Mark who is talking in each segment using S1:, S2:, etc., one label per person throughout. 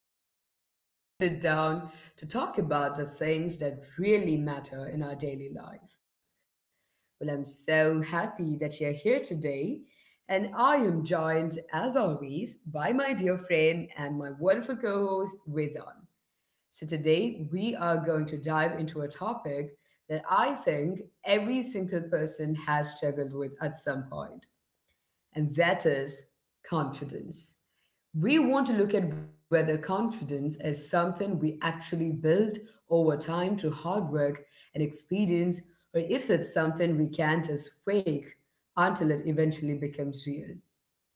S1: back to our space where we sit down to talk about the things that really matter in our daily life. Well, I'm so happy that you're here today, and I am joined, as always, by my dear friend and my wonderful co host, Vedan. So, today we are going to dive into a topic that I think every single person has struggled with at some point and that is confidence. We want to look at whether confidence is something we actually build over time through hard work and experience, or if it's something we can just fake until it eventually becomes real.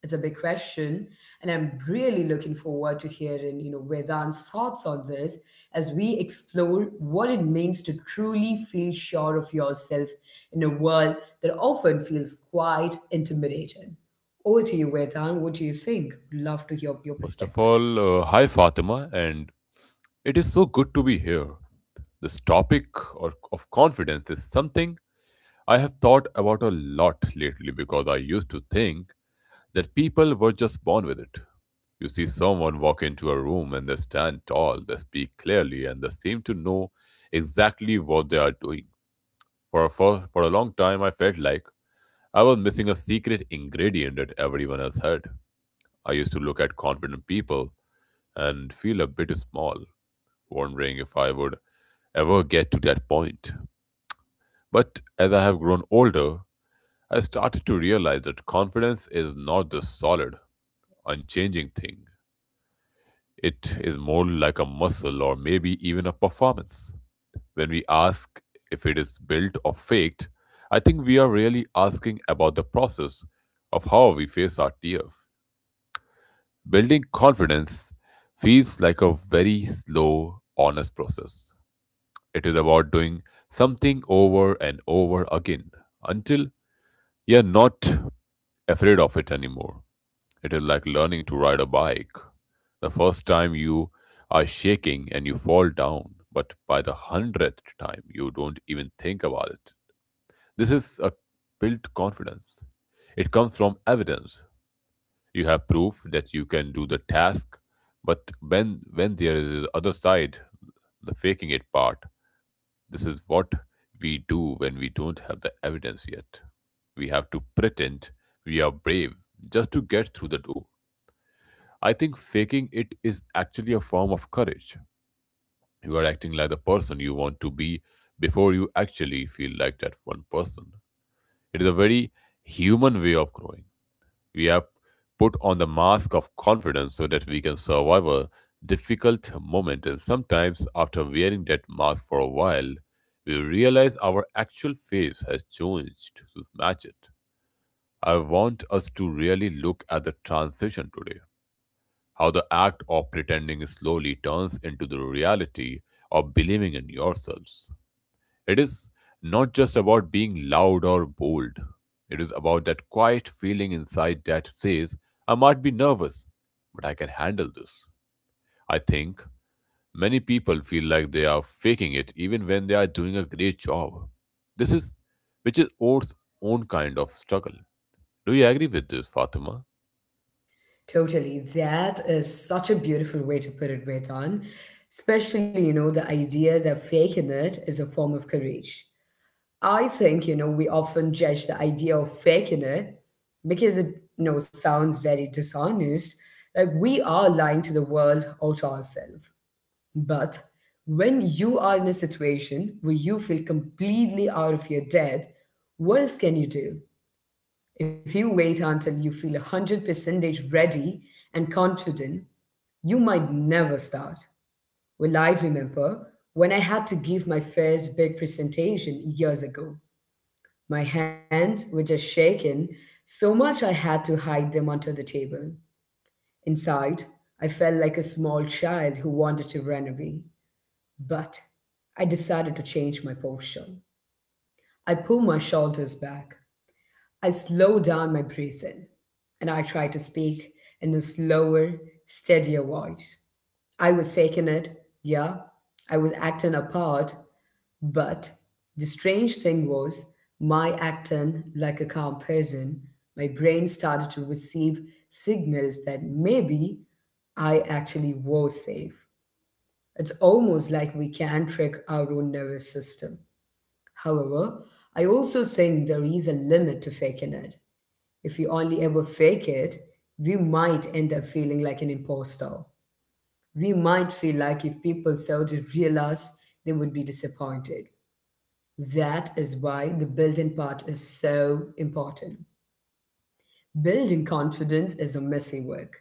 S1: It's a big question, and I'm really looking forward to hearing, Vedant's thoughts on this as we explore what it means to truly feel sure of yourself in a world that often feels quite intimidating. Over to you, Vedant. What do you think? Would love to hear your
S2: First of
S1: perspective.
S2: all, hi Fatima, and it is so good to be here. This topic of confidence is something I have thought about a lot lately because I used to think that people were just born with it. You see someone walk into a room and they stand tall, they speak clearly, and they seem to know exactly what they are doing. For a long time, I felt like I was missing a secret ingredient that everyone else had. I used to look at confident people and feel a bit small, wondering if I would ever get to that point. But as I have grown older, I started to realize that confidence is not this solid, unchanging thing. It is more like a muscle or maybe even a performance. When we ask if it is built or faked, I think we are really asking about the process of how we face our fear. Building confidence feels like a very slow, honest process. It is about doing something over and over again until you're not afraid of it anymore. It is like learning to ride a bike. The first time you are shaking and you fall down, but by the 100th time, you don't even think about it. This is a built confidence. It comes from evidence. You have proof that you can do the task, but when there is the other side, the faking it part, this is what we do when we don't have the evidence yet. We have to pretend we are brave just to get through the door. I think faking it is actually a form of courage. You are acting like the person you want to be before you actually feel like that one person. It is a very human way of growing. We have put on the mask of confidence so that we can survive a difficult moment, and sometimes, after wearing that mask for a while, we realize our actual face has changed to match it. I want us to really look at the transition today how the act of pretending slowly turns into the reality of believing in yourselves. It is not just about being loud or bold, it is about that quiet feeling inside that says, I might be nervous, but I can handle this. I think many people feel like they are faking it even when they are doing a great job. This is which is Oath's own kind of struggle. Do you agree with this, Fatima?
S1: Totally. That is such a beautiful way to put it, Vedant. Especially, the idea that faking it is a form of courage. I think, we often judge the idea of faking it because it sounds very dishonest. Like we are lying to the world or to ourselves. But when you are in a situation where you feel completely out of your depth, what else can you do? If you wait until you feel 100% ready and confident, you might never start. Well, I remember when I had to give my first big presentation years ago. My hands were just shaking so much I had to hide them under the table. Inside, I felt like a small child who wanted to run away. But I decided to change my posture. I pulled my shoulders back. I slowed down my breathing and I tried to speak in a slower, steadier voice. I was faking it, yeah. I was acting a part. But the strange thing was, my acting like a calm person, my brain started to receive signals that maybe I actually was safe. It's almost like we can trick our own nervous system. However, I also think there is a limit to faking it. If we only ever fake it, we might end up feeling like an imposter. We might feel like if people saw the real us, they would be disappointed. That is why the building part is so important. Building confidence is the messy work.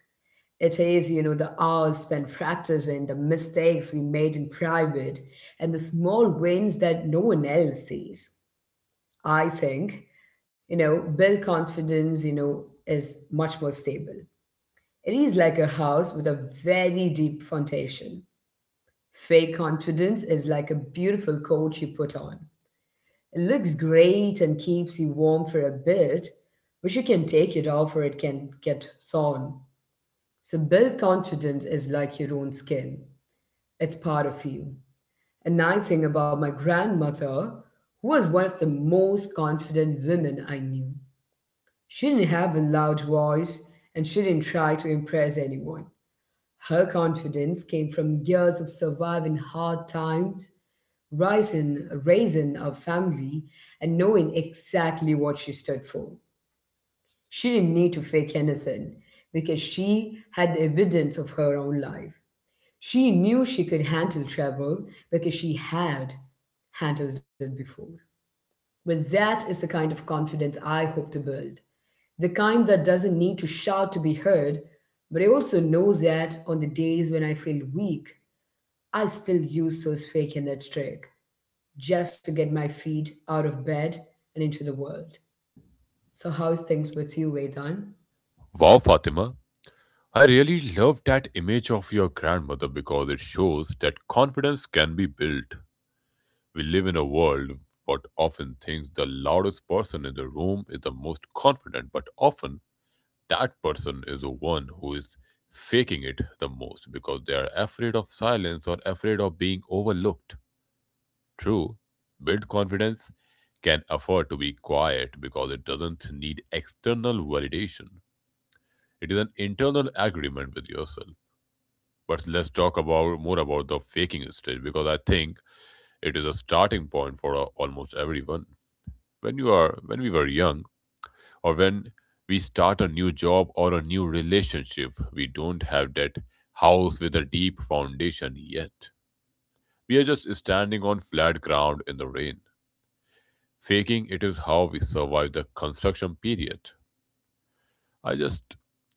S1: It is, the hours spent practicing, the mistakes we made in private, and the small wins that no one else sees. I think, build confidence, is much more stable. It is like a house with a very deep foundation. Fake confidence is like a beautiful coat you put on. It looks great and keeps you warm for a bit, but you can take it off or it can get thorn. So build confidence is like your own skin. It's part of you. And I think about my grandmother, who was one of the most confident women I knew. She didn't have a loud voice and she didn't try to impress anyone. Her confidence came from years of surviving hard times raisin, raisin our family and knowing exactly what she stood for. She didn't need to fake anything because she had the evidence of her own life. She knew she could handle trouble because she had handled it before. Well, that is the kind of confidence I hope to build. The kind that doesn't need to shout to be heard, but I also know that on the days when I feel weak, I still use those fake and that trick just to get my feet out of bed and into the world. So, how's things with you, Vedan?
S2: Wow, Fatima. I really love that image of your grandmother because it shows that confidence can be built. We live in a world what often thinks the loudest person in the room is the most confident, but often that person is the one who is faking it the most because they are afraid of silence or afraid of being overlooked. True, built confidence can afford to be quiet because it doesn't need external validation. It is an internal agreement with yourself. But let's talk about more about the faking stage because I think it is a starting point for almost everyone. When you are when we were young or when we start a new job or a new relationship, we don't have that house with a deep foundation yet. We are just standing on flat ground in the rain, faking it is how we survive the construction period. I just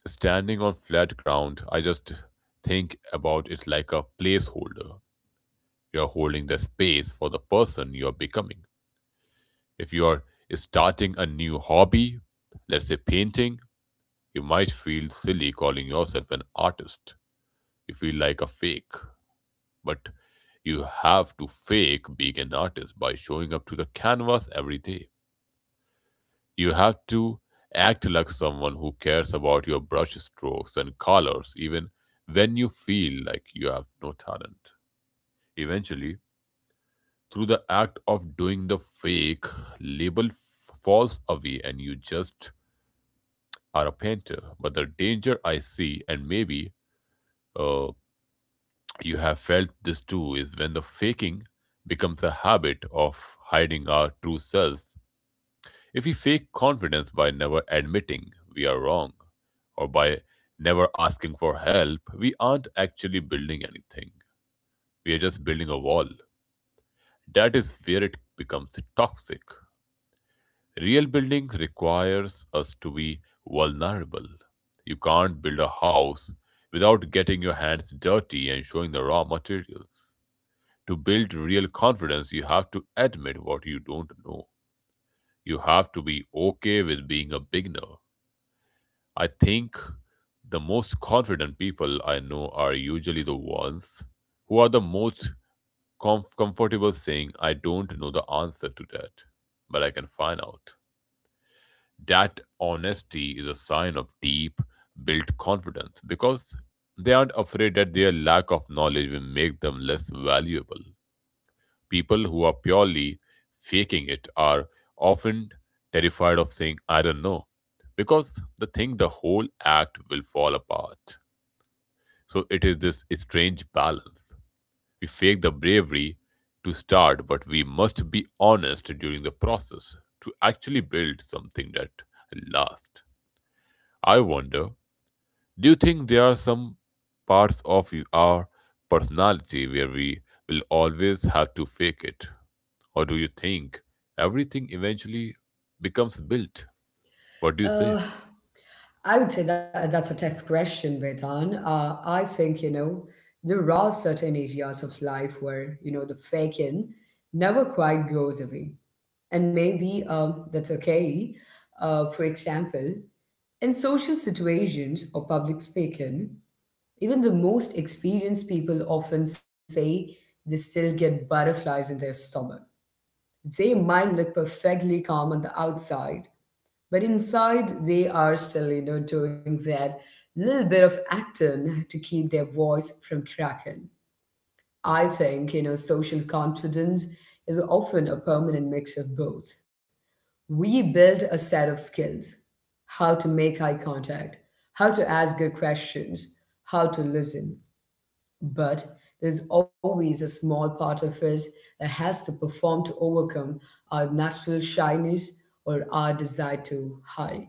S2: standing on flat ground, I just think about it like a placeholder. You are holding the space for the person you are becoming. If you are starting a new hobby, let's say painting, you might feel silly calling yourself an artist. You feel like a fake. But you have to fake being an artist by showing up to the canvas every day. You have to act like someone who cares about your brush strokes and colors, even when you feel like you have no talent. Eventually, through the act of doing the fake, label f- falls away and you just are a painter. But the danger I see, and maybe uh, you have felt this too is when the faking becomes a habit of hiding our true selves. If we fake confidence by never admitting we are wrong or by never asking for help, we aren't actually building anything. We are just building a wall. That is where it becomes toxic. Real building requires us to be vulnerable. You can't build a house without getting your hands dirty and showing the raw materials. To build real confidence, you have to admit what you don't know. You have to be okay with being a beginner. I think the most confident people I know are usually the ones who are the most comfortable saying, I don't know the answer to that, but I can find out. That honesty is a sign of deep built confidence because they aren't afraid that their lack of knowledge will make them less valuable. People who are purely faking it are often terrified of saying, I don't know, because they think the whole act will fall apart. So it is this strange balance. We fake the bravery to start, but we must be honest during the process to actually build something that lasts. I wonder, do you think there are some parts of you, our personality where we will always have to fake it? Or do you think everything eventually becomes built? What do you say?
S1: Uh, I would say that that's a tough question, Vedan. I think, there are certain areas of life where, the fake in never quite goes away. And maybe that's okay. For example, in social situations or public speaking, even the most experienced people often say they still get butterflies in their stomach. They might look perfectly calm on the outside, but inside they are still, doing that little bit of acting to keep their voice from cracking. I think, social confidence is often a permanent mix of both. We build a set of skills, how to make eye contact, how to ask good questions, how to listen. But there's always a small part of us that has to perform to overcome our natural shyness or our desire to hide.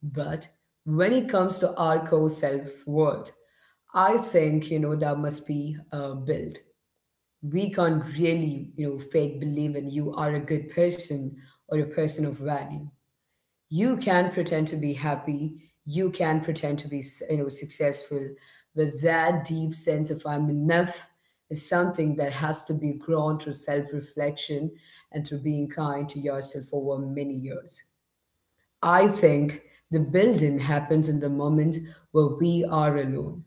S1: But when it comes to our core self worth, I think, that must be built. We can't really, fake believe in you are a good person or a person of value. You can pretend to be happy. You can pretend to be successful, but that deep sense of I'm enough is something that has to be grown through self-reflection and through being kind to yourself over many years. I think the building happens in the moment where we are alone.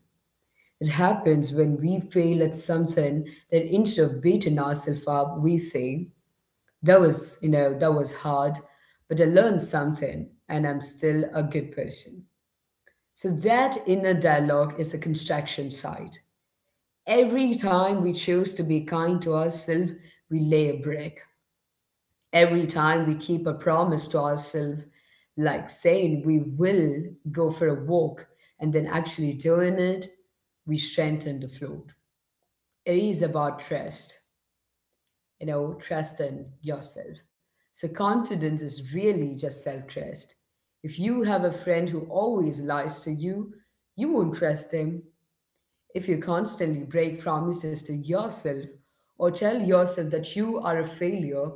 S1: It happens when we fail at something, that instead of beating ourselves up we say that was, that was hard, but I learned something and I'm still a good person. So that inner dialogue is the construction side. Every time we choose to be kind to ourselves, we lay a brick. Every time we keep a promise to ourselves, like saying we will go for a walk and then actually doing it, we strengthen the floor. It is about trust, trust in yourself. So, confidence is really just self trust. If you have a friend who always lies to you, you won't trust them. If you constantly break promises to yourself or tell yourself that you are a failure,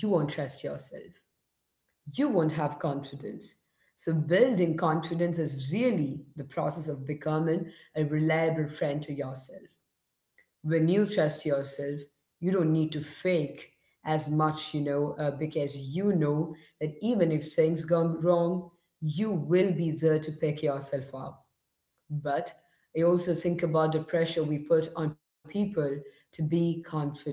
S1: you won't trust yourself. You won't have confidence. So, building confidence is really the process of becoming a reliable friend to yourself. When you trust yourself, you don't need to fake as much, because you know that even if things go wrong, you will be there to pick yourself up. But I also think about the pressure we put on people to be confident.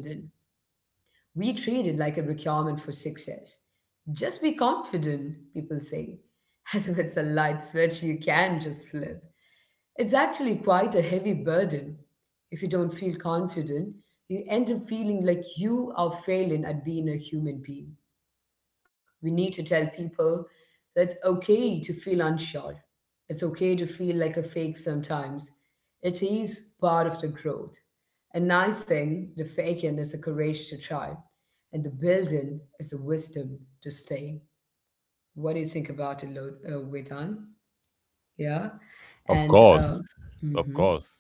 S1: We treat it like a requirement for success. Just be confident, people say, as if it's a light switch you can just flip. It's actually quite a heavy burden. If you don't feel confident, you end up feeling like you are failing at being a human being. We need to tell people that it's okay to feel unsure. It's okay to feel like a fake sometimes. It is part of the growth. And I think the faking is the courage to try, and the building is the wisdom to stay. What do you think about it, Vedan? Yeah.
S2: Of
S1: And, uh,
S2: course, of
S1: mhm.
S2: course.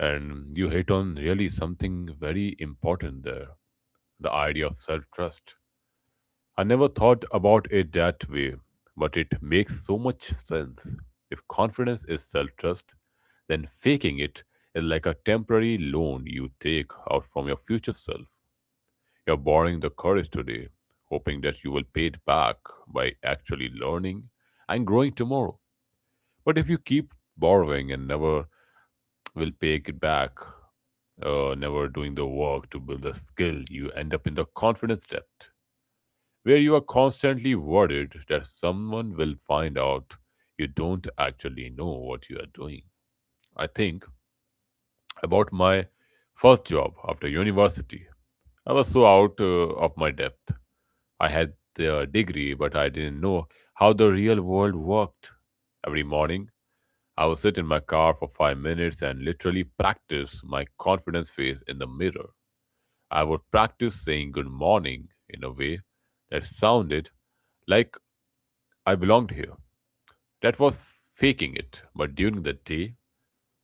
S2: And you hit on really something very important there the idea of self trust. I never thought about it that way, but it makes so much sense. If confidence is self trust, then faking it is like a temporary loan you take out from your future self. You're borrowing the courage today, hoping that you will pay it back by actually learning and growing tomorrow. But if you keep borrowing and never will pay it back, never doing the work to build a skill, you end up in the confidence debt, where you are constantly worried that someone will find out you don't actually know what you are doing. I think about my first job after university. I was so out of my depth. I had the degree, but I didn't know how the real world worked. Every morning, I would sit in my car for 5 minutes and literally practice my confidence face in the mirror. I would practice saying good morning in a way that sounded like I belonged here. That was faking it. But during the day,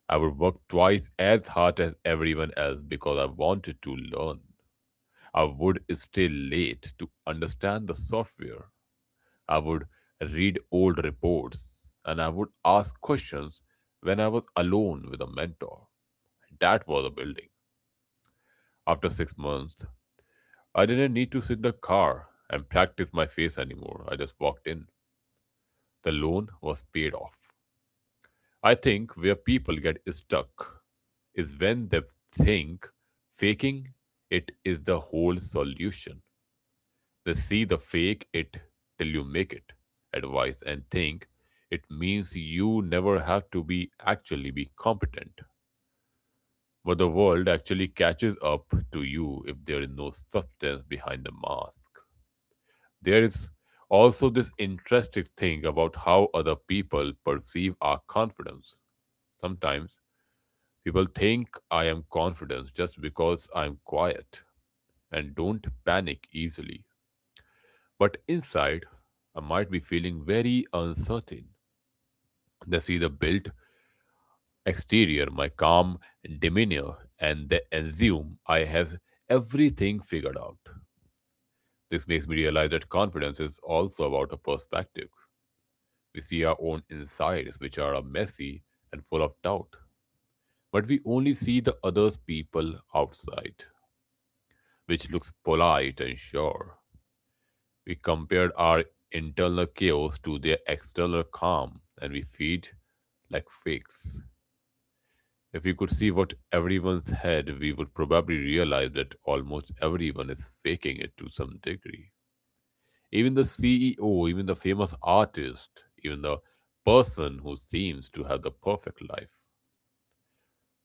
S2: I would work twice as hard as everyone else because I wanted to learn. I would stay late to understand the software. I would read old reports and I would ask questions when I was alone with a mentor. That was a building. After 6 months, I didn't need to sit in the car and practice my face anymore. I just walked in. The loan was paid off. I think where people get stuck is when they think faking it is the whole solution. They see the fake it till you make it advice and think it means you never have to be actually be competent. But the world actually catches up to you if there is no substance behind the mask. There is also this interesting thing about how other people perceive our confidence. Sometimes people think I am confident just because I'm quiet and don't panic easily. But inside, I might be feeling very uncertain. They see the built exterior, my calm demeanor, and they assume I have everything figured out. This makes me realize that confidence is also about a perspective. We see our own insides, which are messy and full of doubt, but we only see the other people outside, which looks polite and sure. We compared our internal chaos to their external calm, and we feed like fakes. If we could see what everyone's had, we would probably realize that almost everyone is faking it to some degree. Even the CEO, even the famous artist, even the person who seems to have the perfect life,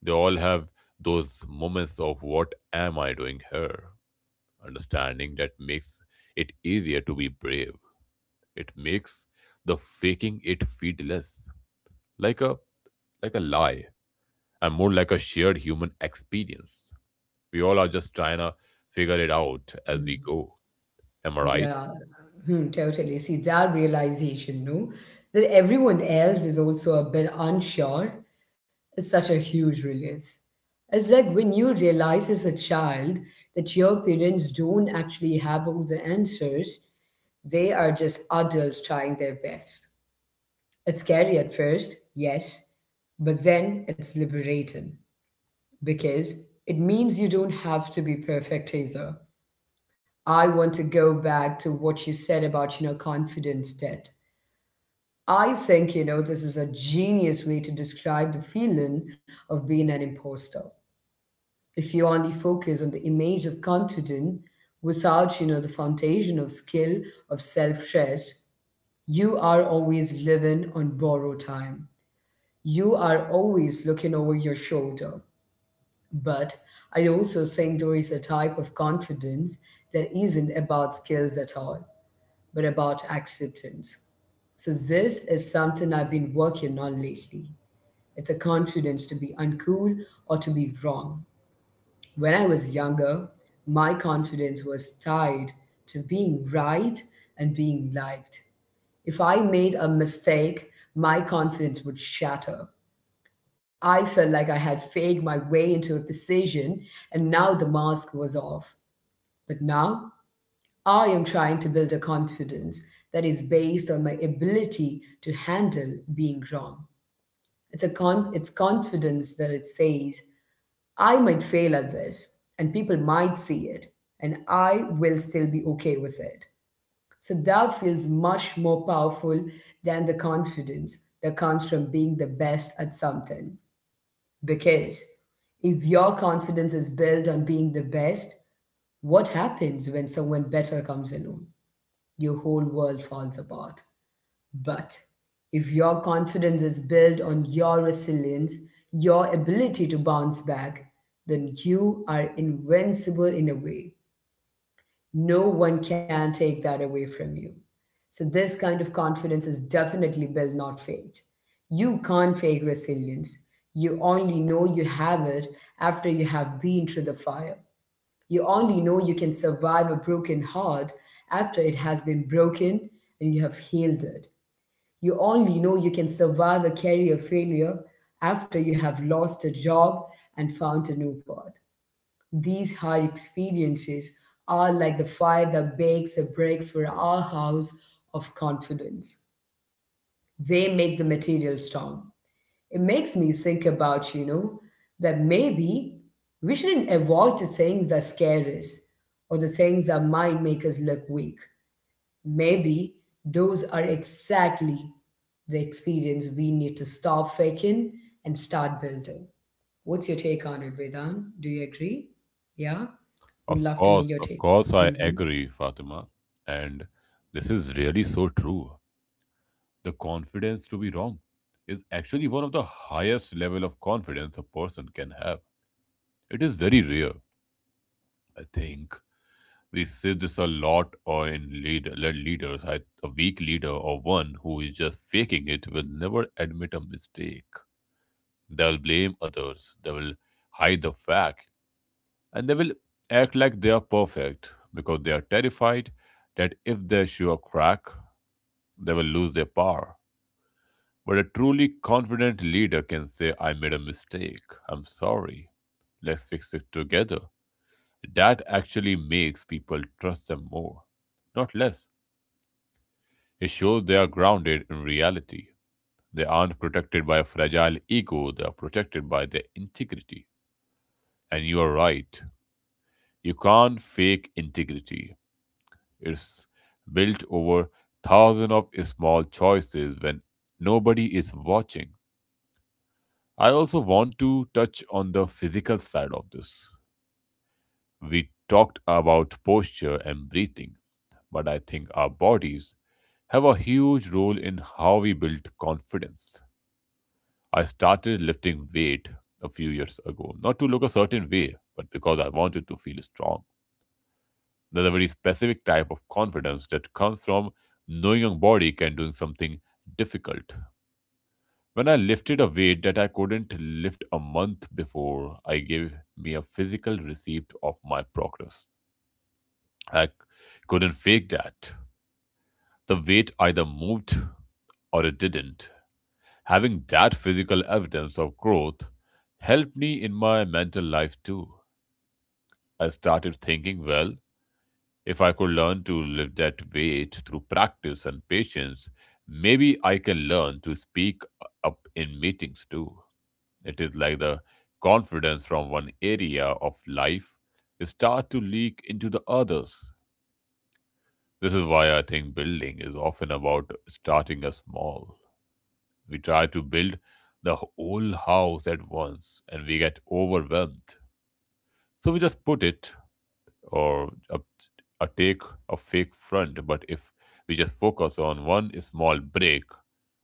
S2: they all have those moments of what am I doing here? Understanding that makes it easier to be brave. It makes the faking it feel less like a like a lie and more like a shared human experience. We all are just trying to figure it out as we go. Am I right?
S1: Yeah, hmm, totally. See, that realization, no, that everyone else is also a bit unsure is such a huge relief. It's like when you realize as a child that your parents don't actually have all the answers, they are just adults trying their best. It's scary at first, yes, but then it's liberating because it means you don't have to be perfect either. I want to go back to what you said about, confidence debt. I think, this is a genius way to describe the feeling of being an imposter. If you only focus on the image of confident without, the foundation of skill, of self trust, you are always living on borrowed time. You are always looking over your shoulder. But I also think there is a type of confidence that isn't about skills at all but about acceptance. So, this is something I've been working on lately. It's a confidence to be uncool or to be wrong. When I was younger, my confidence was tied to being right and being liked. If I made a mistake, my confidence would shatter. I felt like I had faked my way into a position and now the mask was off. But now I am trying to build a confidence that is based on my ability to handle being wrong. It's confidence that it says I might fail at this and people might see it and I will still be okay with it. So that feels much more powerful than the confidence that comes from being the best at something. Because if your confidence is built on being the best, what happens when someone better comes along? Your whole world falls apart. But if your confidence is built on your resilience, your ability to bounce back, then you are invincible in a way. No one can take that away from you. So, this kind of confidence is definitely built, not faked. You can't fake resilience. You only know you have it after you have been through the fire. You only know you can survive a broken heart after it has been broken and you have healed it. You only know you can survive a career failure after you have lost a job and found a new path. These hard experiences are like the fire that bakes the bricks for our house of confidence. They make the material strong. It makes me think about, you know, that maybe we shouldn't avoid the things that scare us or the things that might make us look weak. Maybe those are exactly the experience we need to stop faking and start building. What's your take on it, Vedan? Do you agree? Yeah? Would love to know your
S2: Of
S1: take.
S2: course, I
S1: Hmm.
S2: agree, Fatima. And this is really so true. The confidence to be wrong is actually one of the highest level of confidence a person can have. It is very rare, I think. We see this a lot or in leader led leaders, a weak leader or one who is just faking it will never admit a mistake. They will blame others, they will hide the fact, and they will act like they are perfect because they are terrified that if they show a crack, they will lose their power. But a truly confident leader can say, "I made a mistake, I'm sorry, let's fix it together." That actually makes people trust them more, not less. It shows they are grounded in reality. They aren't protected by a fragile ego, they are protected by their integrity. And you are right. You can't fake integrity. It's built over thousands of small choices when nobody is watching. I also want to touch on the physical side of this. We talked about posture and breathing, but I think our bodies have a huge role in how we build confidence. I started lifting weight a few years ago, not to look a certain way, but because I wanted to feel strong. There's a very specific type of confidence that comes from knowing your body can do something difficult. When I lifted a weight that I couldn't lift a month before, I gave me a physical receipt of my progress. I c- couldn't fake that. The weight either moved or it didn't. Having that physical evidence of growth helped me in my mental life too. I started thinking, well, if I could learn to lift that weight through practice and patience, maybe I can learn to speak up in meetings too. It is like the confidence from one area of life start to leak into the others. This is why I think building is often about starting a small. We try to build the whole house at once and we get overwhelmed. So we just put it or a take a fake front. But if we just focus on one small break,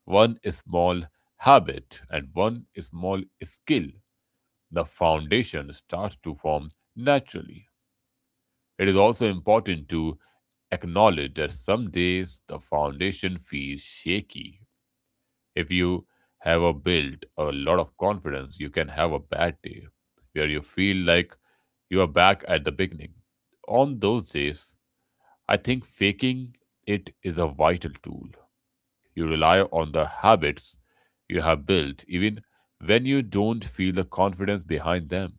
S2: one small habit, and one small skill, the foundation starts to form naturally. It is also important to acknowledge that some days the foundation feels shaky. If you have a built a lot of confidence, you can have a bad day where you feel like you are back at the beginning. On those days, I think faking it is a vital tool. You rely on the habits you have built, even when you don't feel the confidence behind them.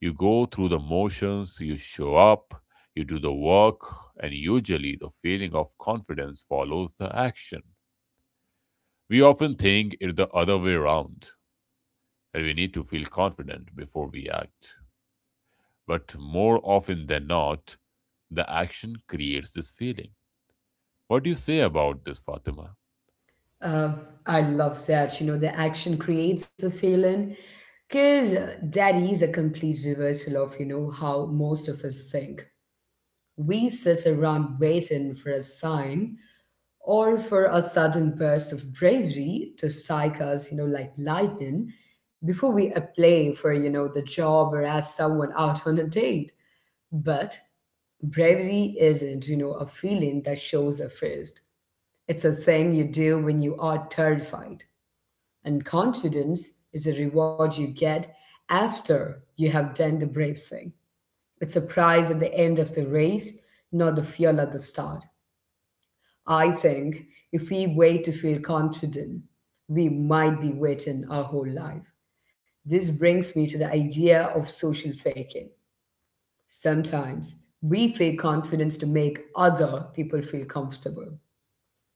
S2: You go through the motions, you show up, you do the work, and usually the feeling of confidence follows the action. We often think it's the other way around, and we need to feel confident before we act. But more often than not, the action creates this feeling. What do you say about this, Fatima?
S1: Uh, I love that. You know, the action creates a feeling because that is a complete reversal of, you know, how most of us think. We sit around waiting for a sign or for a sudden burst of bravery to strike us, you know, like lightning before we apply for, you know, the job or ask someone out on a date. But bravery isn't, you know, a feeling that shows up first. It's a thing you do when you are terrified. And confidence is a reward you get after you have done the brave thing. It's a prize at the end of the race, not the fuel at the start. I think if we wait to feel confident, we might be waiting our whole life. This brings me to the idea of social faking. Sometimes we fake confidence to make other people feel comfortable.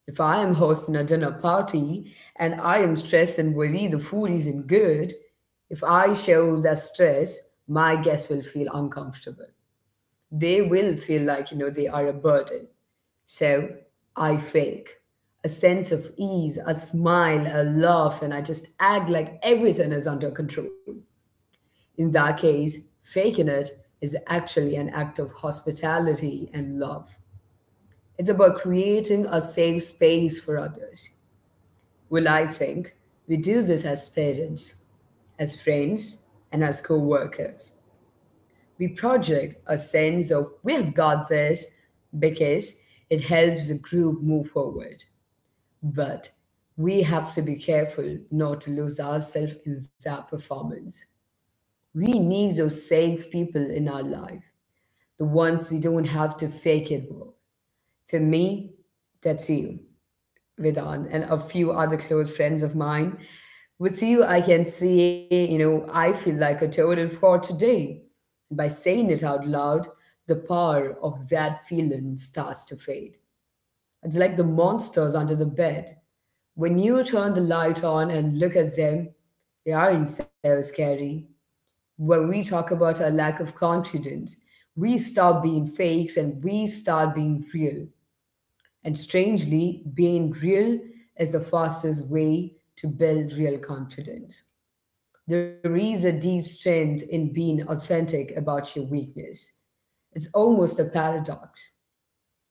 S1: If I am hosting a dinner party and I am stressed and worry the food isn't good, if I show that stress, my guests will feel uncomfortable. They will feel like, you know, they are a burden. So I fake a sense of ease, a smile, a laugh, and I just act like everything is under control. In that case, faking it is actually an act of hospitality and love. It's about creating a safe space for others. Well, I think we do this as parents, as friends, and as co workers. We project a sense of we have got this because it helps the group move forward. But we have to be careful not to lose ourselves in that performance. We need those safe people in our life, the ones we don't have to fake it with. For me, that's you, Vedan, and a few other close friends of mine. With you, I can say, you know, I feel like a total fraud today. And by saying it out loud, the power of that feeling starts to fade. It's like the monsters under the bed. When you turn the light on and look at them, they aren't so scary. When we talk about our lack of confidence, we stop being fakes and we start being real. And strangely, being real is the fastest way to build real confidence. There is a deep strength in being authentic about your weakness. It's almost a paradox.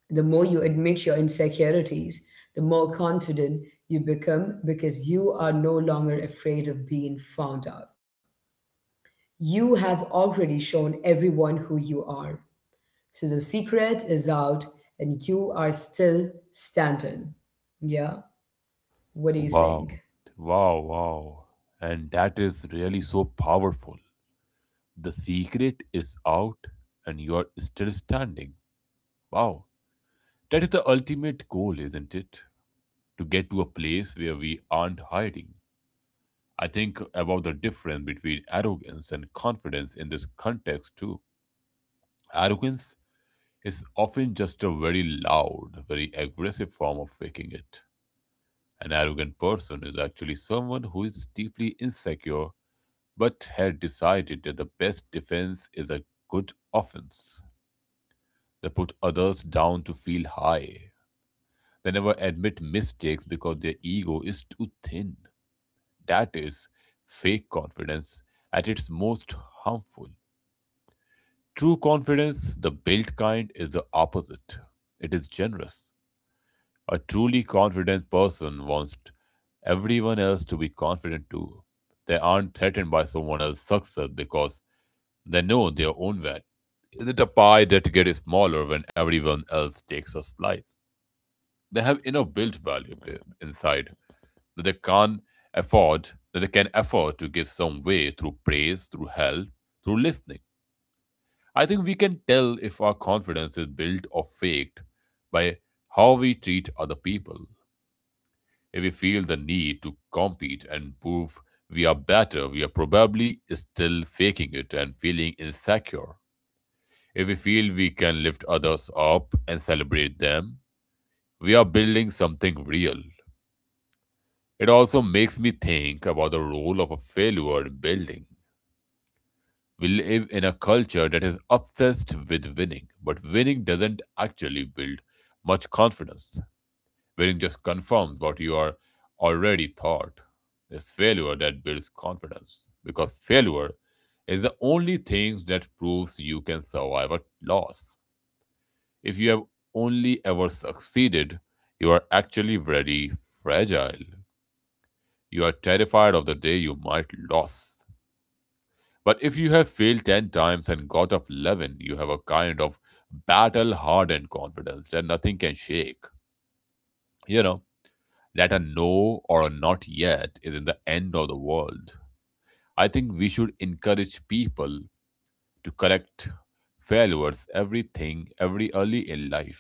S1: The more you admit your insecurities, the more confident you become because you are no longer afraid of being found out. You have already shown everyone who you are. So the secret is out and you are still standing. Yeah? What do you
S2: Wow,
S1: think?
S2: wow, wow. And that is really so powerful. The secret is out and you are still standing. Wow, that is the ultimate goal, isn't it? To get to a place where we aren't hiding. I think about the difference between arrogance and confidence in this context too. Arrogance is often just a very loud, very aggressive form of faking it. An arrogant person is actually someone who is deeply insecure but had decided that the best defense is a good offense. They put others down to feel high. They never admit mistakes because their ego is too thin. That is fake confidence at its most harmful. True confidence, the built kind, is the opposite. It is generous. A truly confident person wants everyone else to be confident too. They aren't threatened by someone else's success because they know their own value. Isn't a pie that gets smaller when everyone else takes a slice? They have enough built value inside that they can not afford that they can afford to give some way through praise, through help, through listening. I think we can tell if our confidence is built or faked by how we treat other people. If we feel the need to compete and prove we are better, we are probably still faking it and feeling insecure. If we feel we can lift others up and celebrate them, we are building something real. It also makes me think about the role of a failure in building. We live in a culture that is obsessed with winning, but winning doesn't actually build much confidence. Wherein just confirms what you are already thought. It's failure that builds confidence because failure is the only thing that proves you can survive a loss. If you have only ever succeeded, you are actually very fragile. You are terrified of the day you might lose. But if you have failed 10 times and got up 11, you have a kind of battle hardened confidence that nothing can shake. You know, that a no or a not yet isn't the end of the world. I think we should encourage people to correct failures, everything, every early in life.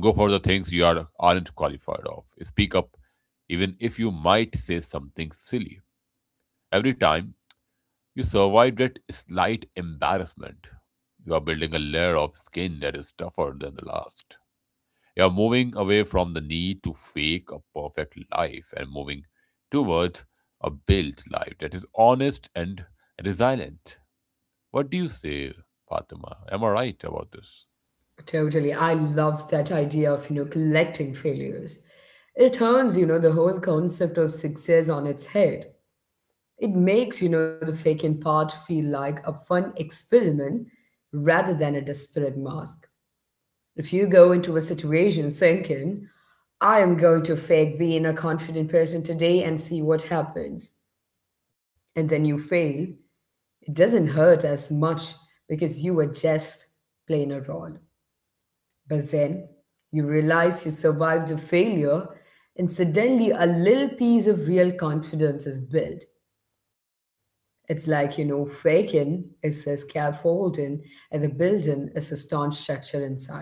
S2: Go for the things you are aren't qualified of. Speak up, even if you might say something silly. Every time you survive that slight embarrassment, you are building a layer of skin that is tougher than the last. You're moving away from the need to fake a perfect life and moving toward a built life that is honest and resilient. What do you say, Fatima? Am I right about this?
S1: Totally. I love that idea of, you know, collecting failures. It turns, you know, the whole concept of success on its head. It makes, you know, the faking part feel like a fun experiment rather than a desperate mask. If you go into a situation thinking, I am going to fake being a confident person today and see what happens, and then you fail, it doesn't hurt as much because you were just playing a role. But then you realize you survived a failure, and suddenly a little piece of real confidence is built. It's like, you know, faking is a scaffolding, and the building is a staunch structure inside.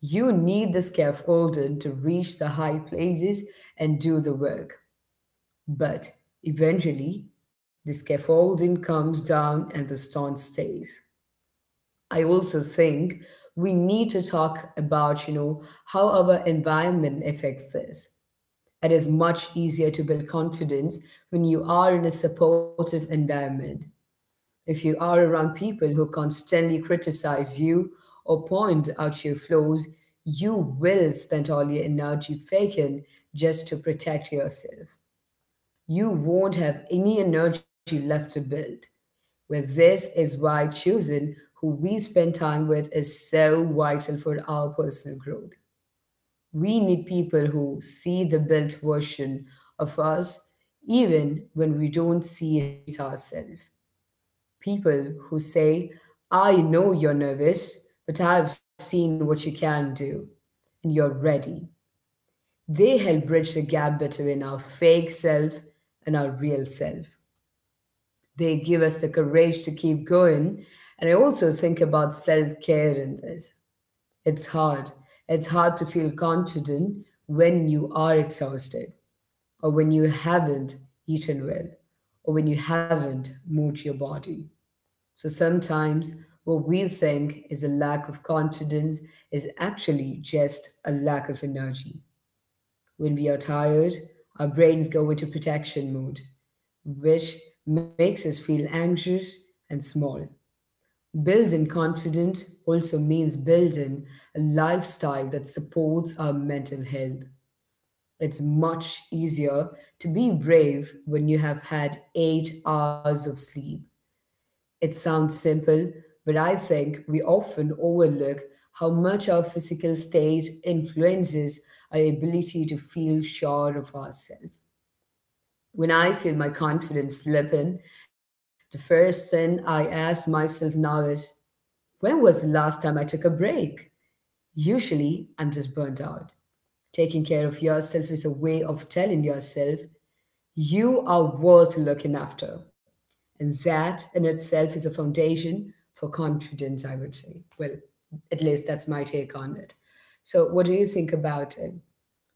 S1: You need the scaffolding to reach the high places and do the work. But eventually, the scaffolding comes down and the stone stays. I also think we need to talk about, you know, how our environment affects this. It is much easier to build confidence when you are in a supportive environment. If you are around people who constantly criticize you or point out your flaws, you will spend all your energy faking just to protect yourself. You won't have any energy left to build. Where this is why choosing who we spend time with is so vital for our personal growth. We need people who see the built version of us, even when we don't see it ourselves. People who say, I know you're nervous, but I've seen what you can do, and you're ready. They help bridge the gap between our fake self and our real self. They give us the courage to keep going. And I also think about self care in this. It's hard. It's hard to feel confident when you are exhausted, or when you haven't eaten well, or when you haven't moved your body. So sometimes what we think is a lack of confidence is actually just a lack of energy. When we are tired, our brains go into protection mode, which makes us feel anxious and small. Building confidence also means building a lifestyle that supports our mental health. It's much easier to be brave when you have had 8 hours of sleep. It sounds simple, but I think we often overlook how much our physical state influences our ability to feel sure of ourselves. When I feel my confidence slipping, the first thing I ask myself now is, when was the last time I took a break? Usually, I'm just burnt out. Taking care of yourself is a way of telling yourself you are worth looking after. And that in itself is a foundation for confidence, I would say. Well, at least that's my take on it. So, what do you think about it?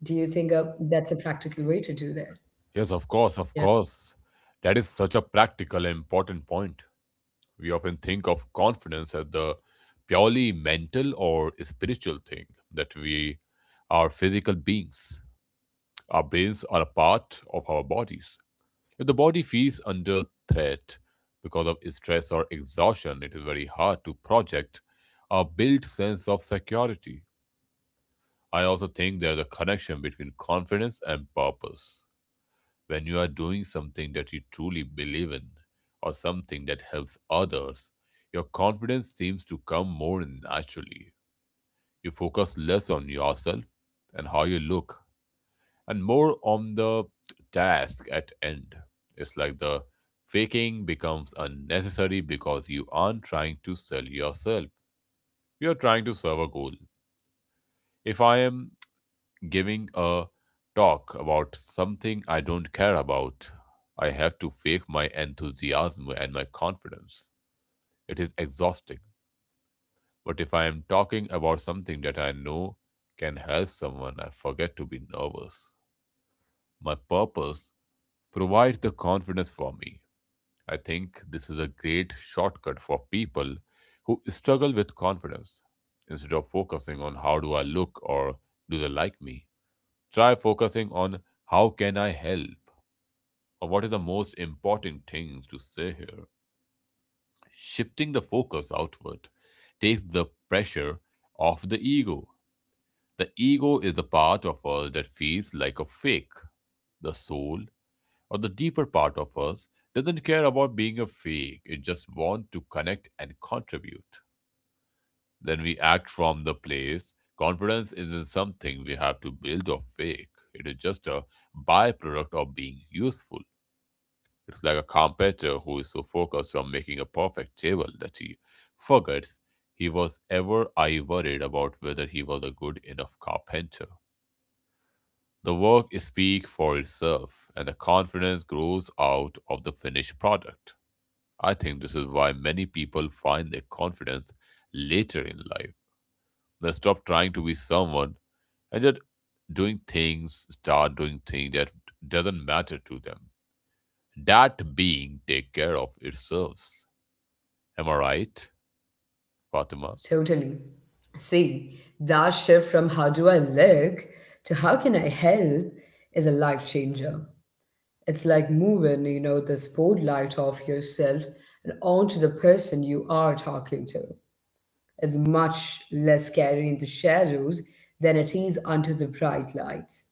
S1: Do you think that's a practical way to do that?
S2: Yes, of
S1: Yeah.
S2: course, of course. That is such a practical and important point. We often think of confidence as the purely mental or spiritual thing that we are physical beings. Our brains are a part of our bodies. If the body feels under threat because of stress or exhaustion, it is very hard to project a built sense of security. I also think there's a connection between confidence and purpose. When you are doing something that you truly believe in or something that helps others, your confidence seems to come more naturally. You focus less on yourself and how you look and more on the task at end. It's like the faking becomes unnecessary because you aren't trying to sell yourself. You're trying to serve a goal. If I am giving a talk about something I don't care about, I have to fake my enthusiasm and my confidence. It is exhausting. But if I am talking about something that I know can help someone, I forget to be nervous. My purpose provides the confidence for me. I think this is a great shortcut for people who struggle with confidence. Instead of focusing on how do I look or do they like me, try focusing on how can I help or what are the most important things to say here. Shifting the focus outward takes the pressure off the ego. The ego is the part of us that feels like a fake. The soul or the deeper part of us doesn't care about being a fake, it just wants to connect and contribute. Then we act from the place. Confidence isn't something we have to build or fake, it is just a byproduct of being useful. It's like a carpenter who is so focused on making a perfect table that he forgets he was ever I worried about whether he was a good enough carpenter. The work speaks for itself, and the confidence grows out of the finished product. I think this is why many people find their confidence later in life. They stop trying to be someone and start doing things that doesn't matter to them. That being take care of itself. Am I right, Fatima?
S1: Totally. See, that shift from how do I look to how can I help is a life changer. It's like moving, you know, the spotlight off yourself and onto the person you are talking to. It's much less scary in the shadows than it is under the bright lights.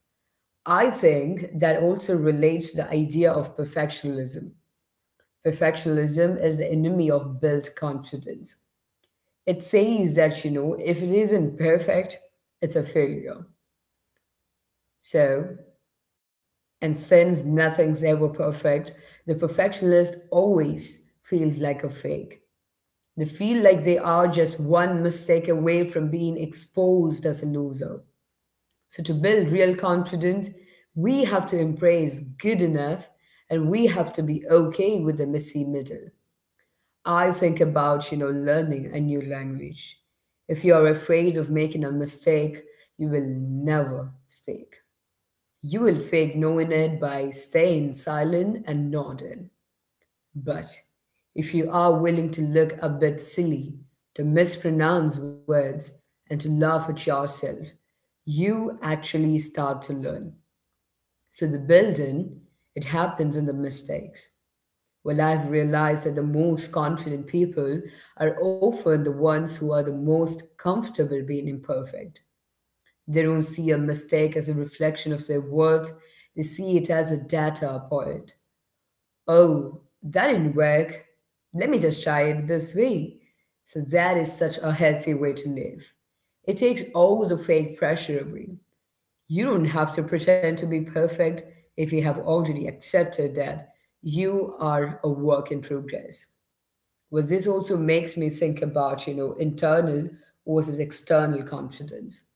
S1: I think that also relates to the idea of perfectionism. Perfectionism is the enemy of built confidence. It says that, you know, if it isn't perfect, it's a failure. So, and since nothing's ever perfect, the perfectionist always feels like a fake. They feel like they are just one mistake away from being exposed as a loser. So, to build real confidence, we have to embrace good enough and we have to be okay with the messy middle. I think about, you know, learning a new language. If you are afraid of making a mistake, you will never speak. You will fake knowing it by staying silent and nodding. But if you are willing to look a bit silly, to mispronounce words, and to laugh at yourself, you actually start to learn. So the building, it happens in the mistakes. Well, I've realized that the most confident people are often the ones who are the most comfortable being imperfect. They don't see a mistake as a reflection of their worth, they see it as a data point. Oh, that didn't work. Let me just try it this way. So, that is such a healthy way to live. It takes all the fake pressure away. You don't have to pretend to be perfect if you have already accepted that you are a work in progress. Well, this also makes me think about, you know, internal versus external confidence.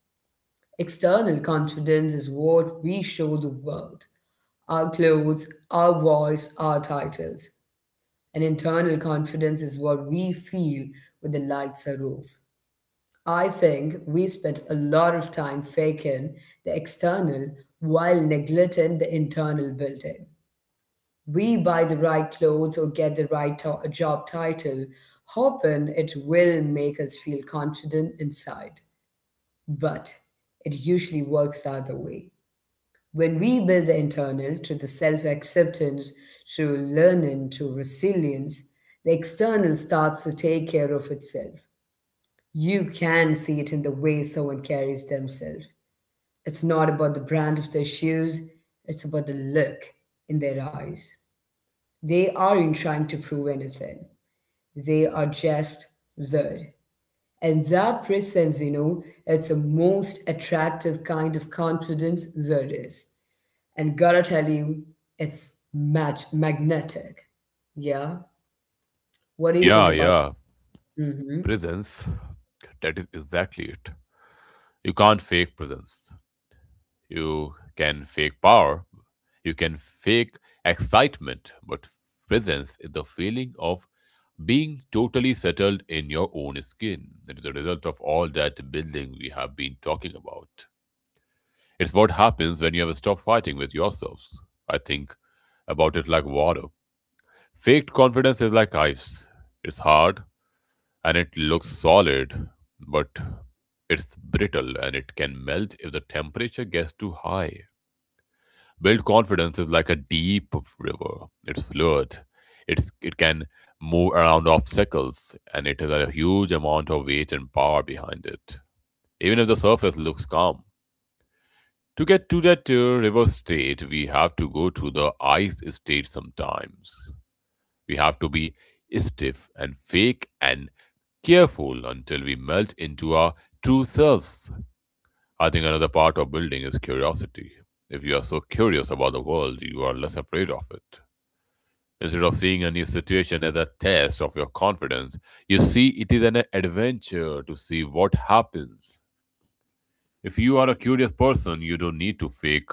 S1: External confidence is what we show the world, our clothes, our voice, our titles. And internal confidence is what we feel when the lights are off. I think we spent a lot of time faking the external while neglecting the internal built in. We buy the right clothes or get the right job title, hoping it will make us feel confident inside. But it usually works the other way. When we build the internal to the self acceptance, to learning, to resilience, the external starts to take care of itself. You can see it in the way someone carries themselves. It's not about the brand of their shoes, it's about the look in their eyes. They aren't trying to prove anything. They are just there. And that presence, you know, it's the most attractive kind of confidence there is. And gotta tell you, it's magnetic. Yeah. What do you think
S2: Yeah,
S1: about?
S2: yeah.
S1: Hmm.
S2: Presence. That is exactly it. You can't fake presence. You can fake power, you can fake excitement, but presence is the feeling of being totally settled in your own skin. It is a result of all that building we have been talking about. It's what happens when you have stopped fighting with yourselves. I think about it like water. Faked confidence is like ice. It's hard and it looks solid, but it's brittle and it can melt if the temperature gets too high. Built confidence is like a deep river. It's fluid. It can move around obstacles, and it has a huge amount of weight and power behind it. Even if the surface looks calm, to get to that river state, we have to go to the ice state sometimes. We have to be stiff and fake and careful until we melt into our true selves. I think another part of building is curiosity. If you are so curious about the world, you are less afraid of it. Instead of seeing a new situation as a test of your confidence, you see it is an adventure to see what happens. If you are a curious person, you don't need to fake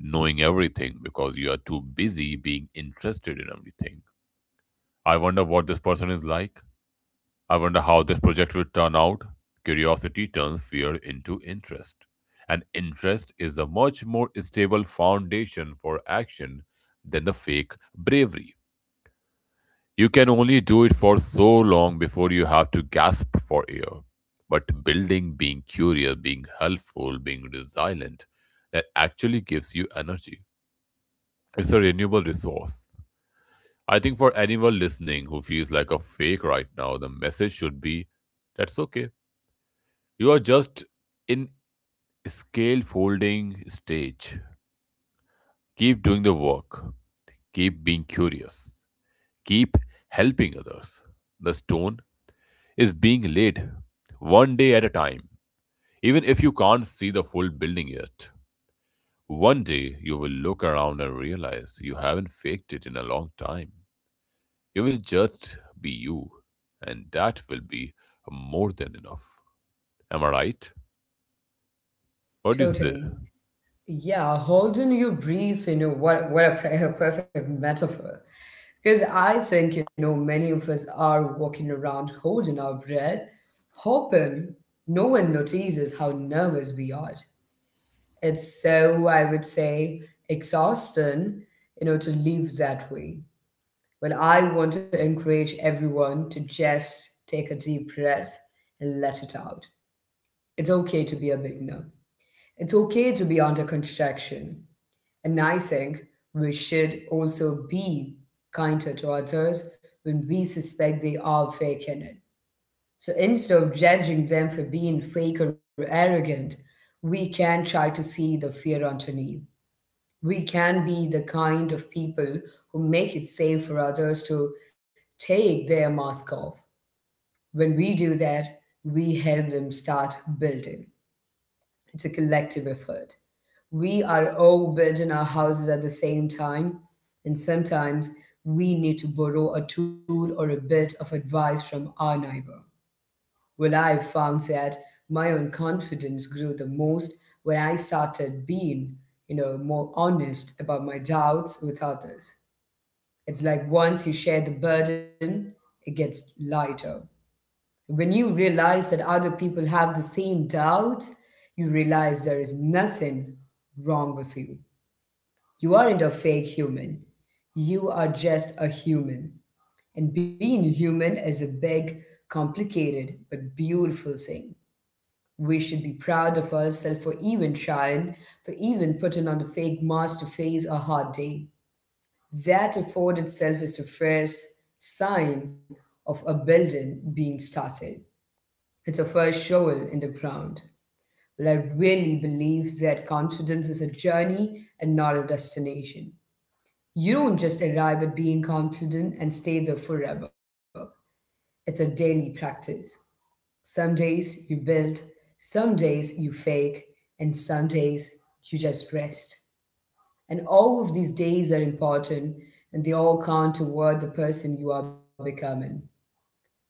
S2: knowing everything because you are too busy being interested in everything. I wonder what this person is like. I wonder how this project will turn out. Curiosity turns fear into interest, and interest is a much more stable foundation for action than the fake bravery. You can only do it for so long before you have to gasp for air. But building, being curious, being helpful, being resilient, that actually gives you energy. It's a renewable resource. I think for anyone listening who feels like a fake right now, the message should be that's okay. You are just in scale folding stage. Keep doing the work. Keep being curious. Keep helping others. The stone is being laid one day at a time. Even if you can't see the full building yet, one day you will look around and realize you haven't faked it in a long time. You will just be you, and that will be more than enough. Am I right? What do you say?
S1: Totally. Yeah, holding your breath, you know, what a, a perfect metaphor. Because I think, you know, many of us are walking around holding our breath, hoping no one notices how nervous we are. It's so, I would say, exhausting, to live that way. But I want to encourage everyone to just take a deep breath and let it out. It's okay to be a beginner. It's okay to be under construction. And I think we should also be kinder to others when we suspect they are faking it. So instead of judging them for being fake or arrogant, we can try to see the fear underneath. We can be the kind of people who make it safe for others to take their mask off. When we do that, we help them start building. It's a collective effort. We are all building our houses at the same time, and sometimes we need to borrow a tool or a bit of advice from our neighbor. Well, I found that my own confidence grew the most when I started being more honest about my doubts with others. It's like once you share the burden, it gets lighter. When you realize that other people have the same doubts, you realize there is nothing wrong with you. You aren't a fake human. You are just a human. And being human is a big, complicated, but beautiful thing. We should be proud of ourselves for even trying, for even putting on the fake mask to face a hard day. That effort itself is the first sign of a building being started. It's a first shovel in the ground. But I really believe that confidence is a journey and not a destination. You don't just arrive at being confident and stay there forever. It's a daily practice. Some days you build, some days you fake, and some days you just rest. And all of these days are important and they all count toward the person you are becoming.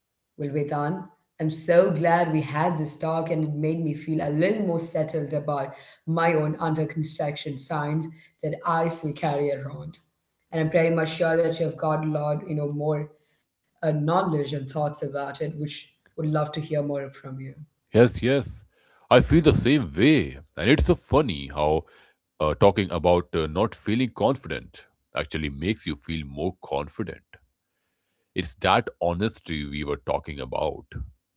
S1: Well, Vedant, I'm so glad we had this talk and it made me feel a little more settled about my own under construction signs that I still carry around. And I'm pretty much sure that you've got a lot more knowledge and thoughts about it, which would love to hear more from you.
S2: Yes, yes. I feel the same way. And it's so funny how talking about not feeling confident actually makes you feel more confident. It's that honesty we were talking about.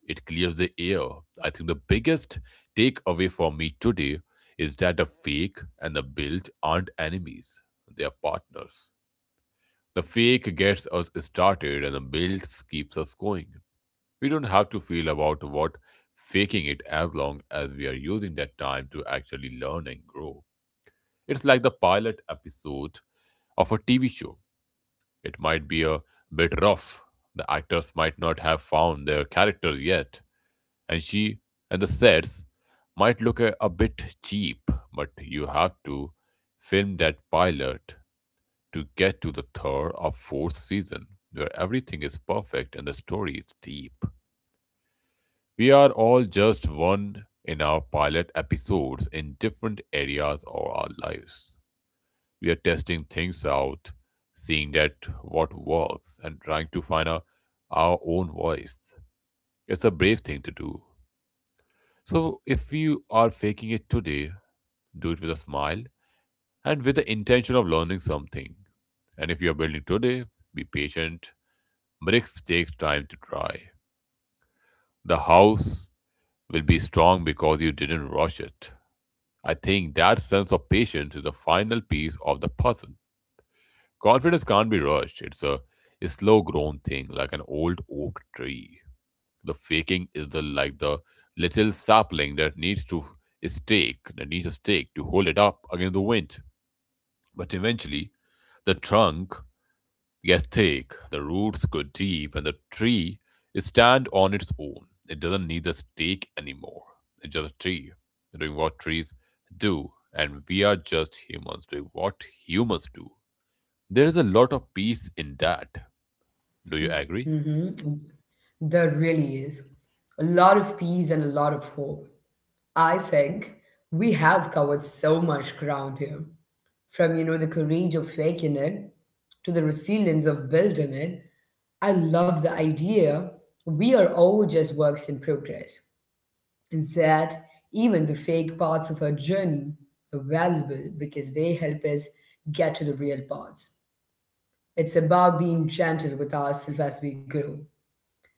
S2: It clears the air. I think the biggest takeaway for me today is that the fake and the built aren't enemies, they are partners. The fake gets us started and the build keeps us going. We don't have to feel about what faking it as long as we are using that time to actually learn and grow. It's like the pilot episode of a TV show. It might be a bit rough. The actors might not have found their character yet, and she and the sets might look a bit cheap, but you have to film that pilot to get to the third or fourth season where everything is perfect and the story is deep. We are all just one in our pilot episodes in different areas of our lives. We are testing things out, seeing that what works, and trying to find our own voice. It's a brave thing to do. So, if you are faking it today, do it with a smile and with the intention of learning something. And if you are building today, be patient. Bricks takes time to dry. The house will be strong because you didn't rush it. I think that sense of patience is the final piece of the puzzle. Confidence can't be rushed. It's a slow grown thing, like an old oak tree. The faking is the like the little sapling that needs to a stake, that needs a stake to hold it up against the wind. But eventually, the trunk Yes, thick. The roots go deep, and the tree stand on its own. It doesn't need a stake anymore. It's just a tree doing what trees do, and we are just humans doing what humans do. There is a lot of peace in that. Do you agree?
S1: Hmm. There really is a lot of peace and a lot of hope. I think we have covered so much ground here, from the courage of faking it to the resilience of building it. I love the idea we are all just works in progress, and that even the fake parts of our journey are valuable because they help us get to the real parts. It's about being gentle with ourselves as we grow.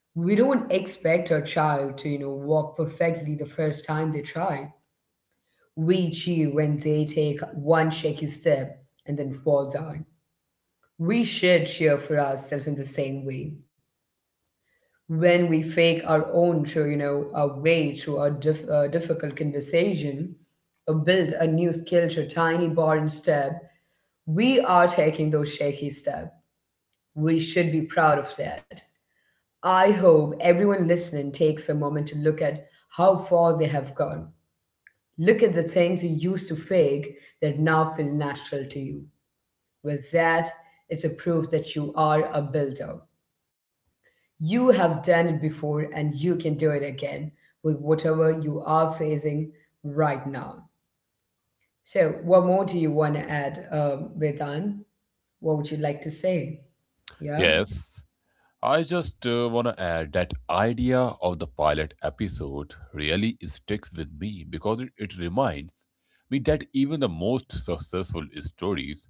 S1: We don't expect our child to walk perfectly the first time they try. We cheer when they take one shaky step and then fall down. We should cheer for ourselves in the same way. When we fake our own, through, our way through our difficult conversation, or build a new skill through tiny boring step, we are taking those shaky steps. We should be proud of that. I hope everyone listening takes a moment to look at how far they have gone. Look at the things you used to fake that now feel natural to you. With that, it's a proof that you are a builder. You have done it before and you can do it again with whatever you are facing right now. So, what more do you want to add, Vedan? What would you like to say? Yeah,
S2: Yes. I just want to add that idea of the pilot episode really sticks with me because it reminds me that even the most successful stories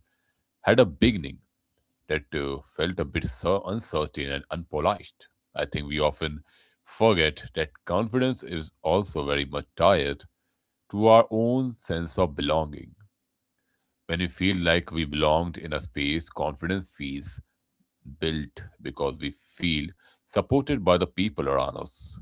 S2: had a beginning that felt a bit so uncertain and unpolished. I think we often forget that confidence is also very much tied to our own sense of belonging. When we feel like we belonged in a space, confidence feels built because we feel supported by the people around us.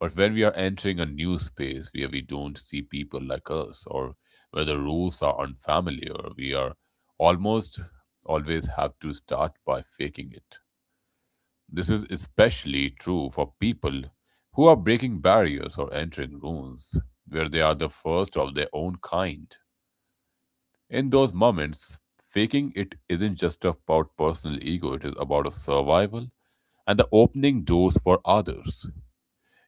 S2: But when we are entering a new space where we don't see people like us or where the rules are unfamiliar, we are almost always have to start by faking it. This is especially true for people who are breaking barriers or entering rooms where they are the first of their own kind. In those moments, faking it isn't just about personal ego, it is about a survival and the opening doors for others.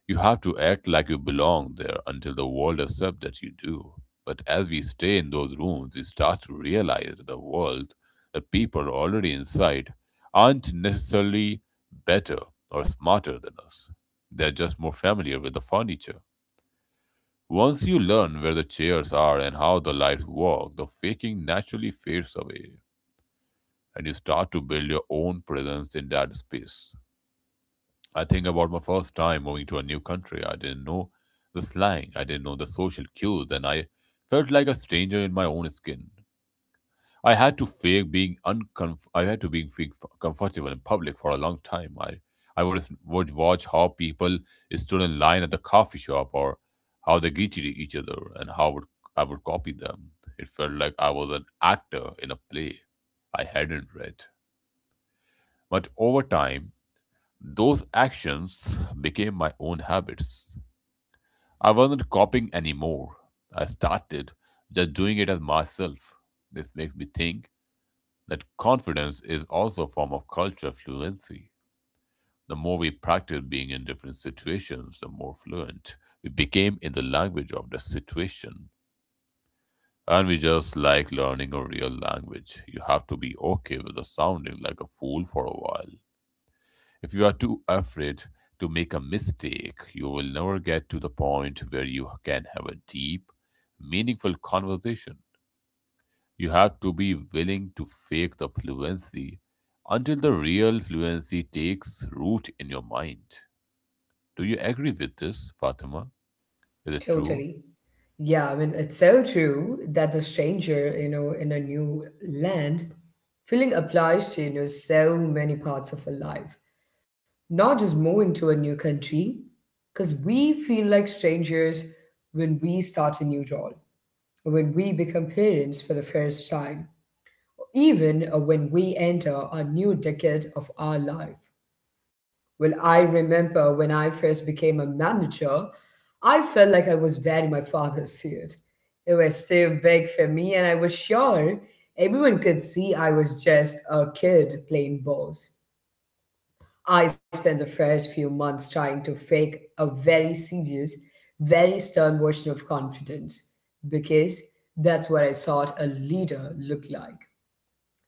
S2: You have to act like you belong there until the world accepts that you do. But as we stay in those rooms, we start to realize that the world, the people already inside, aren't necessarily better or smarter than us. They're just more familiar with the furniture. Once you learn where the chairs are and how the lights work, the faking naturally fades away, and you start to build your own presence in that space. I think about my first time moving to a new country. I didn't know the slang, I didn't know the social cues, and I felt like a stranger in my own skin. I had to fake being uncomf- I had to be fake comfortable in public for a long time. I would watch how people stood in line at the coffee shop or how they greeted each other and how would I would copy them. It felt like I was an actor in a play I hadn't read. But over time, those actions became my own habits. I wasn't copying anymore. I started just doing it as myself. This makes me think that confidence is also a form of cultural fluency. The more we practice being in different situations, the more fluent we became in the language of the situation. And we just like learning a real language. You have to be okay with the sounding like a fool for a while. If you are too afraid to make a mistake, you will never get to the point where you can have a deep, meaningful conversation. You have to be willing to fake the fluency until the real fluency takes root in your mind. Do you agree with this, Fatima? Is it true?
S1: totally. Yeah, I mean, it's so true that the stranger in a new land, feeling applies to, so many parts of our life. Not just moving to a new country, because we feel like strangers when we start a new role, when we become parents for the first time, even when we enter a new decade of our life. Well, I remember when I first became a manager, I felt like I was wearing my father's suit. It was still big for me, and I was sure everyone could see I was just a kid playing balls. I spent the first few months trying to fake a very serious, very stern version of confidence because that's what I thought a leader looked like.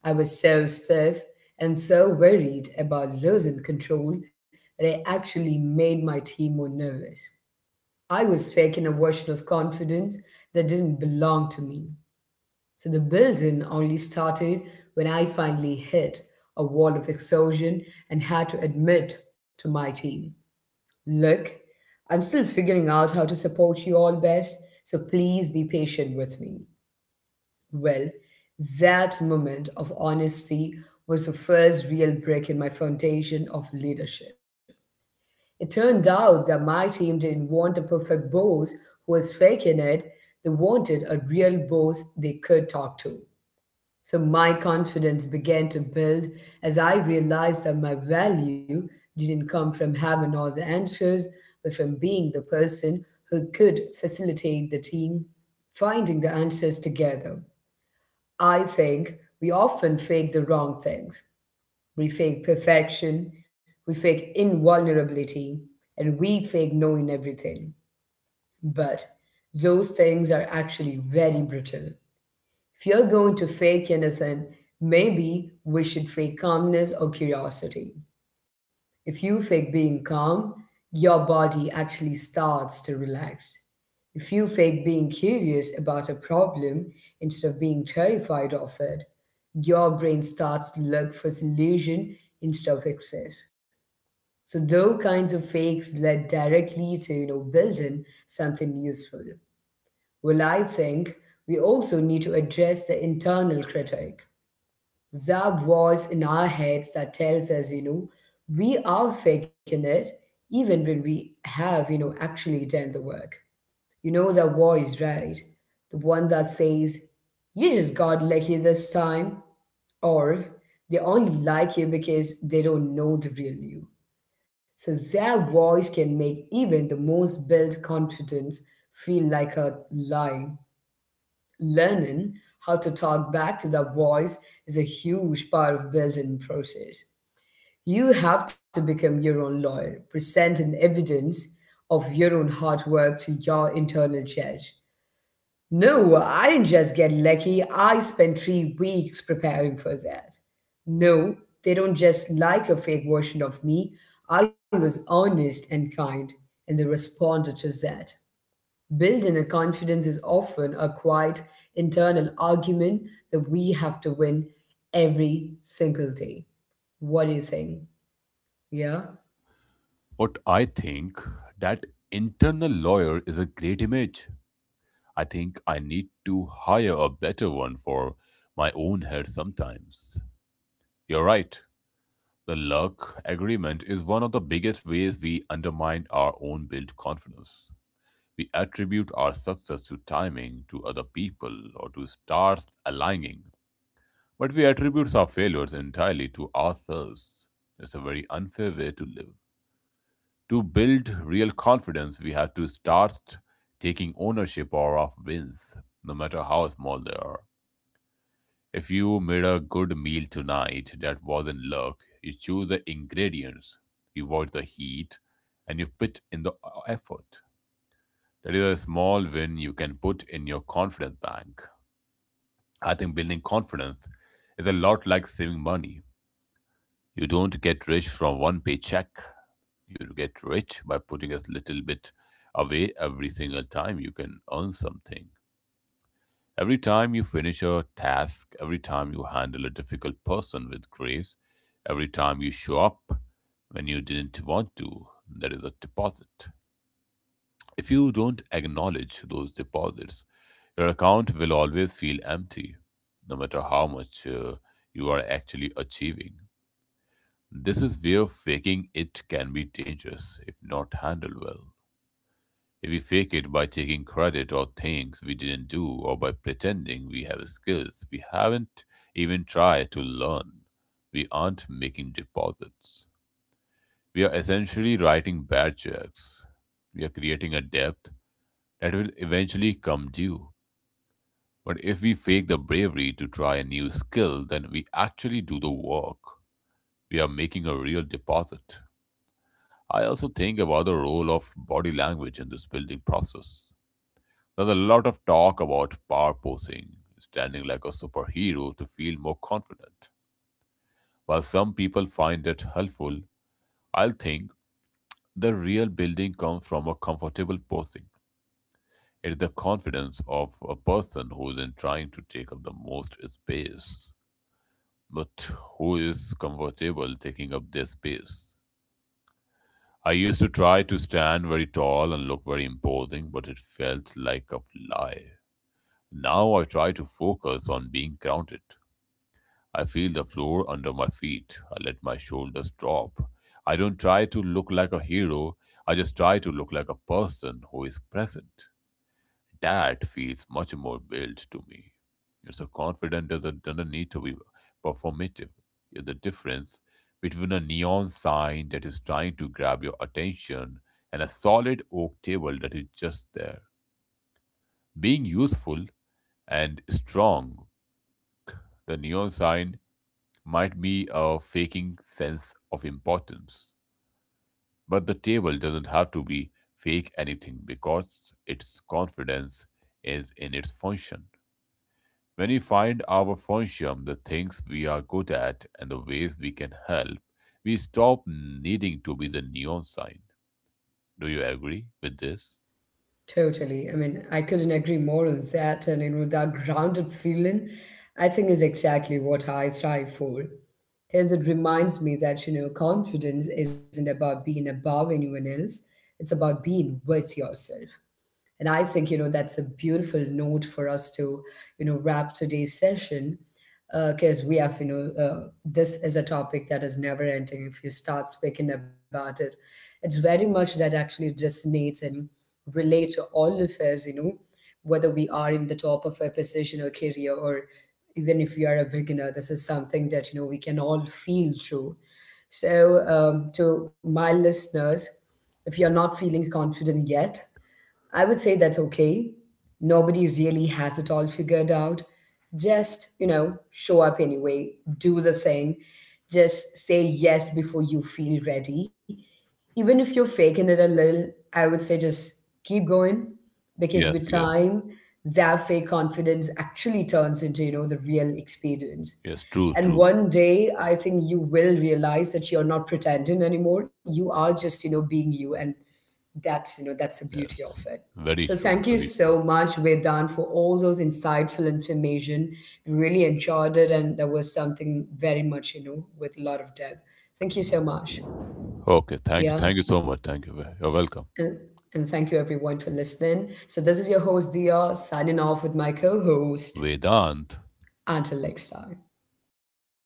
S1: I was so stiff and so worried about losing control that I actually made my team more nervous. I was faking a version of confidence that didn't belong to me. So the building only started when I finally hit a wall of exhaustion and had to admit to my team, "Look, I'm still figuring out how to support you all best, so please be patient with me." Well, that moment of honesty was the first real break in my foundation of leadership. It turned out that my team didn't want a perfect boss who was faking it, they wanted a real boss they could talk to. So my confidence began to build as I realized that my value didn't come from having all the answers, but from being the person who could facilitate the team finding the answers together. I think we often fake the wrong things. We fake perfection, we fake invulnerability, and we fake knowing everything. But those things are actually very brittle. If you're going to fake anything, maybe we should fake calmness or curiosity. If you fake being calm, your body actually starts to relax. If you fake being curious about a problem instead of being terrified of it, your brain starts to look for solution instead of excess. So those kinds of fakes lead directly to building something useful. Well, I think we also need to address the internal critic, that voice in our heads that tells us, we are faking it even when we have, actually done the work. You know that voice, right? The one that says, you just got lucky this time, or they only like you because they don't know the real you. So their voice can make even the most built confidence feel like a lie. Learning how to talk back to that voice is a huge part of building process. You have to become your own lawyer, presenting evidence of your own hard work to your internal judge. No, I didn't just get lucky. I spent 3 weeks preparing for that. No, they don't just like a fake version of me. I was honest and kind, and they responded to that. Built in a confidence is often a quiet internal argument that we have to win every single day. What do you think? Yeah,
S2: What I think that internal lawyer is a great image. I think I need to hire a better one for my own head sometimes. You're right. The Luck Agreement is one of the biggest ways we undermine our own built confidence. We attribute our success to timing, to other people, or to stars aligning, but we attribute our failures entirely to ourselves. It's a very unfair way to live. To build real confidence, we have to start taking ownership of our wins, no matter how small they are. If you made a good meal tonight that wasn't luck, you choose the ingredients, you avoid the heat, and you put in the effort. That is a small win you can put in your confidence bank. I think building confidence is a lot like saving money. You don't get rich from one paycheck. You get rich by putting a little bit away every single time you can earn something. Every time you finish a task, every time you handle a difficult person with grace, every time you show up when you didn't want to, there is a deposit. If you don't acknowledge those deposits, your account will always feel empty, no matter how much you are actually achieving. This is where faking it can be dangerous if not handled well. We fake it by taking credit or things we didn't do or by pretending we have skills we haven't even tried to learn. We aren't making deposits. We are essentially writing bad checks. We are creating a debt that will eventually come due. But if we fake the bravery to try a new skill, then we actually do the work. We are making a real deposit. I also think about the role of body language in this building process. There's a lot of talk about power posing, standing like a superhero to feel more confident. While some people find it helpful, I think the real building comes from a comfortable posing. It's the confidence of a person who isn't trying to take up the most space, but who is comfortable taking up their space. I used to try to stand very tall and look very imposing, but it felt like a lie. Now I try to focus on being grounded I feel the floor under my feet. I let my shoulders drop. I don't try to look like a hero. I just try to look like a person who is present. That feels much more built to me. It's a confident that doesn't need to be performative. It's the difference between a neon sign that is trying to grab your attention and a solid oak table that is just there. Being useful and strong, the neon sign might be a faking sense of importance. But the table doesn't have to be fake anything because its confidence is in its function. When we find our function, the things we are good at, and the ways we can help, we stop needing to be the neon sign. Do you agree with this?
S1: totally. I mean, I couldn't agree more on that. And, that grounded feeling, I think, is exactly what I strive for. Because it reminds me that, confidence isn't about being above anyone else, it's about being with yourself. And I think, that's a beautiful note for us to, wrap today's session because we have, this is a topic that is never ending. If you start speaking about it, it's very much that actually resonates and relate to all of us, whether we are in the top of a position or career or even if we are a beginner, this is something that, we can all feel through. So, to my listeners, if you're not feeling confident yet, I would say that's okay. Nobody really has it all figured out. Just, show up anyway, do the thing, just say yes before you feel ready. Even if you're faking it a little, I would say just keep going because
S2: Yes,
S1: with
S2: yes,
S1: time, that fake confidence actually turns into, the real experience.
S2: yes. True,
S1: And
S2: true.
S1: one day, I think you will realize that you're not pretending anymore. You are just, being you, and that's you know that's the beauty
S2: Yes,
S1: of it.
S2: very
S1: So
S2: true,
S1: thank you
S2: very true.
S1: so much, Vedan, for all those insightful information. We really enjoyed it and there was something very much, with a lot of depth. Thank you so much.
S2: Okay,
S1: Yeah.
S2: thank you so much. Thank you. You're welcome.
S1: and and thank you everyone for listening. So this is your host Dia signing off with my co-host,
S2: Vedant.
S1: until next time.
S2: Bye bye.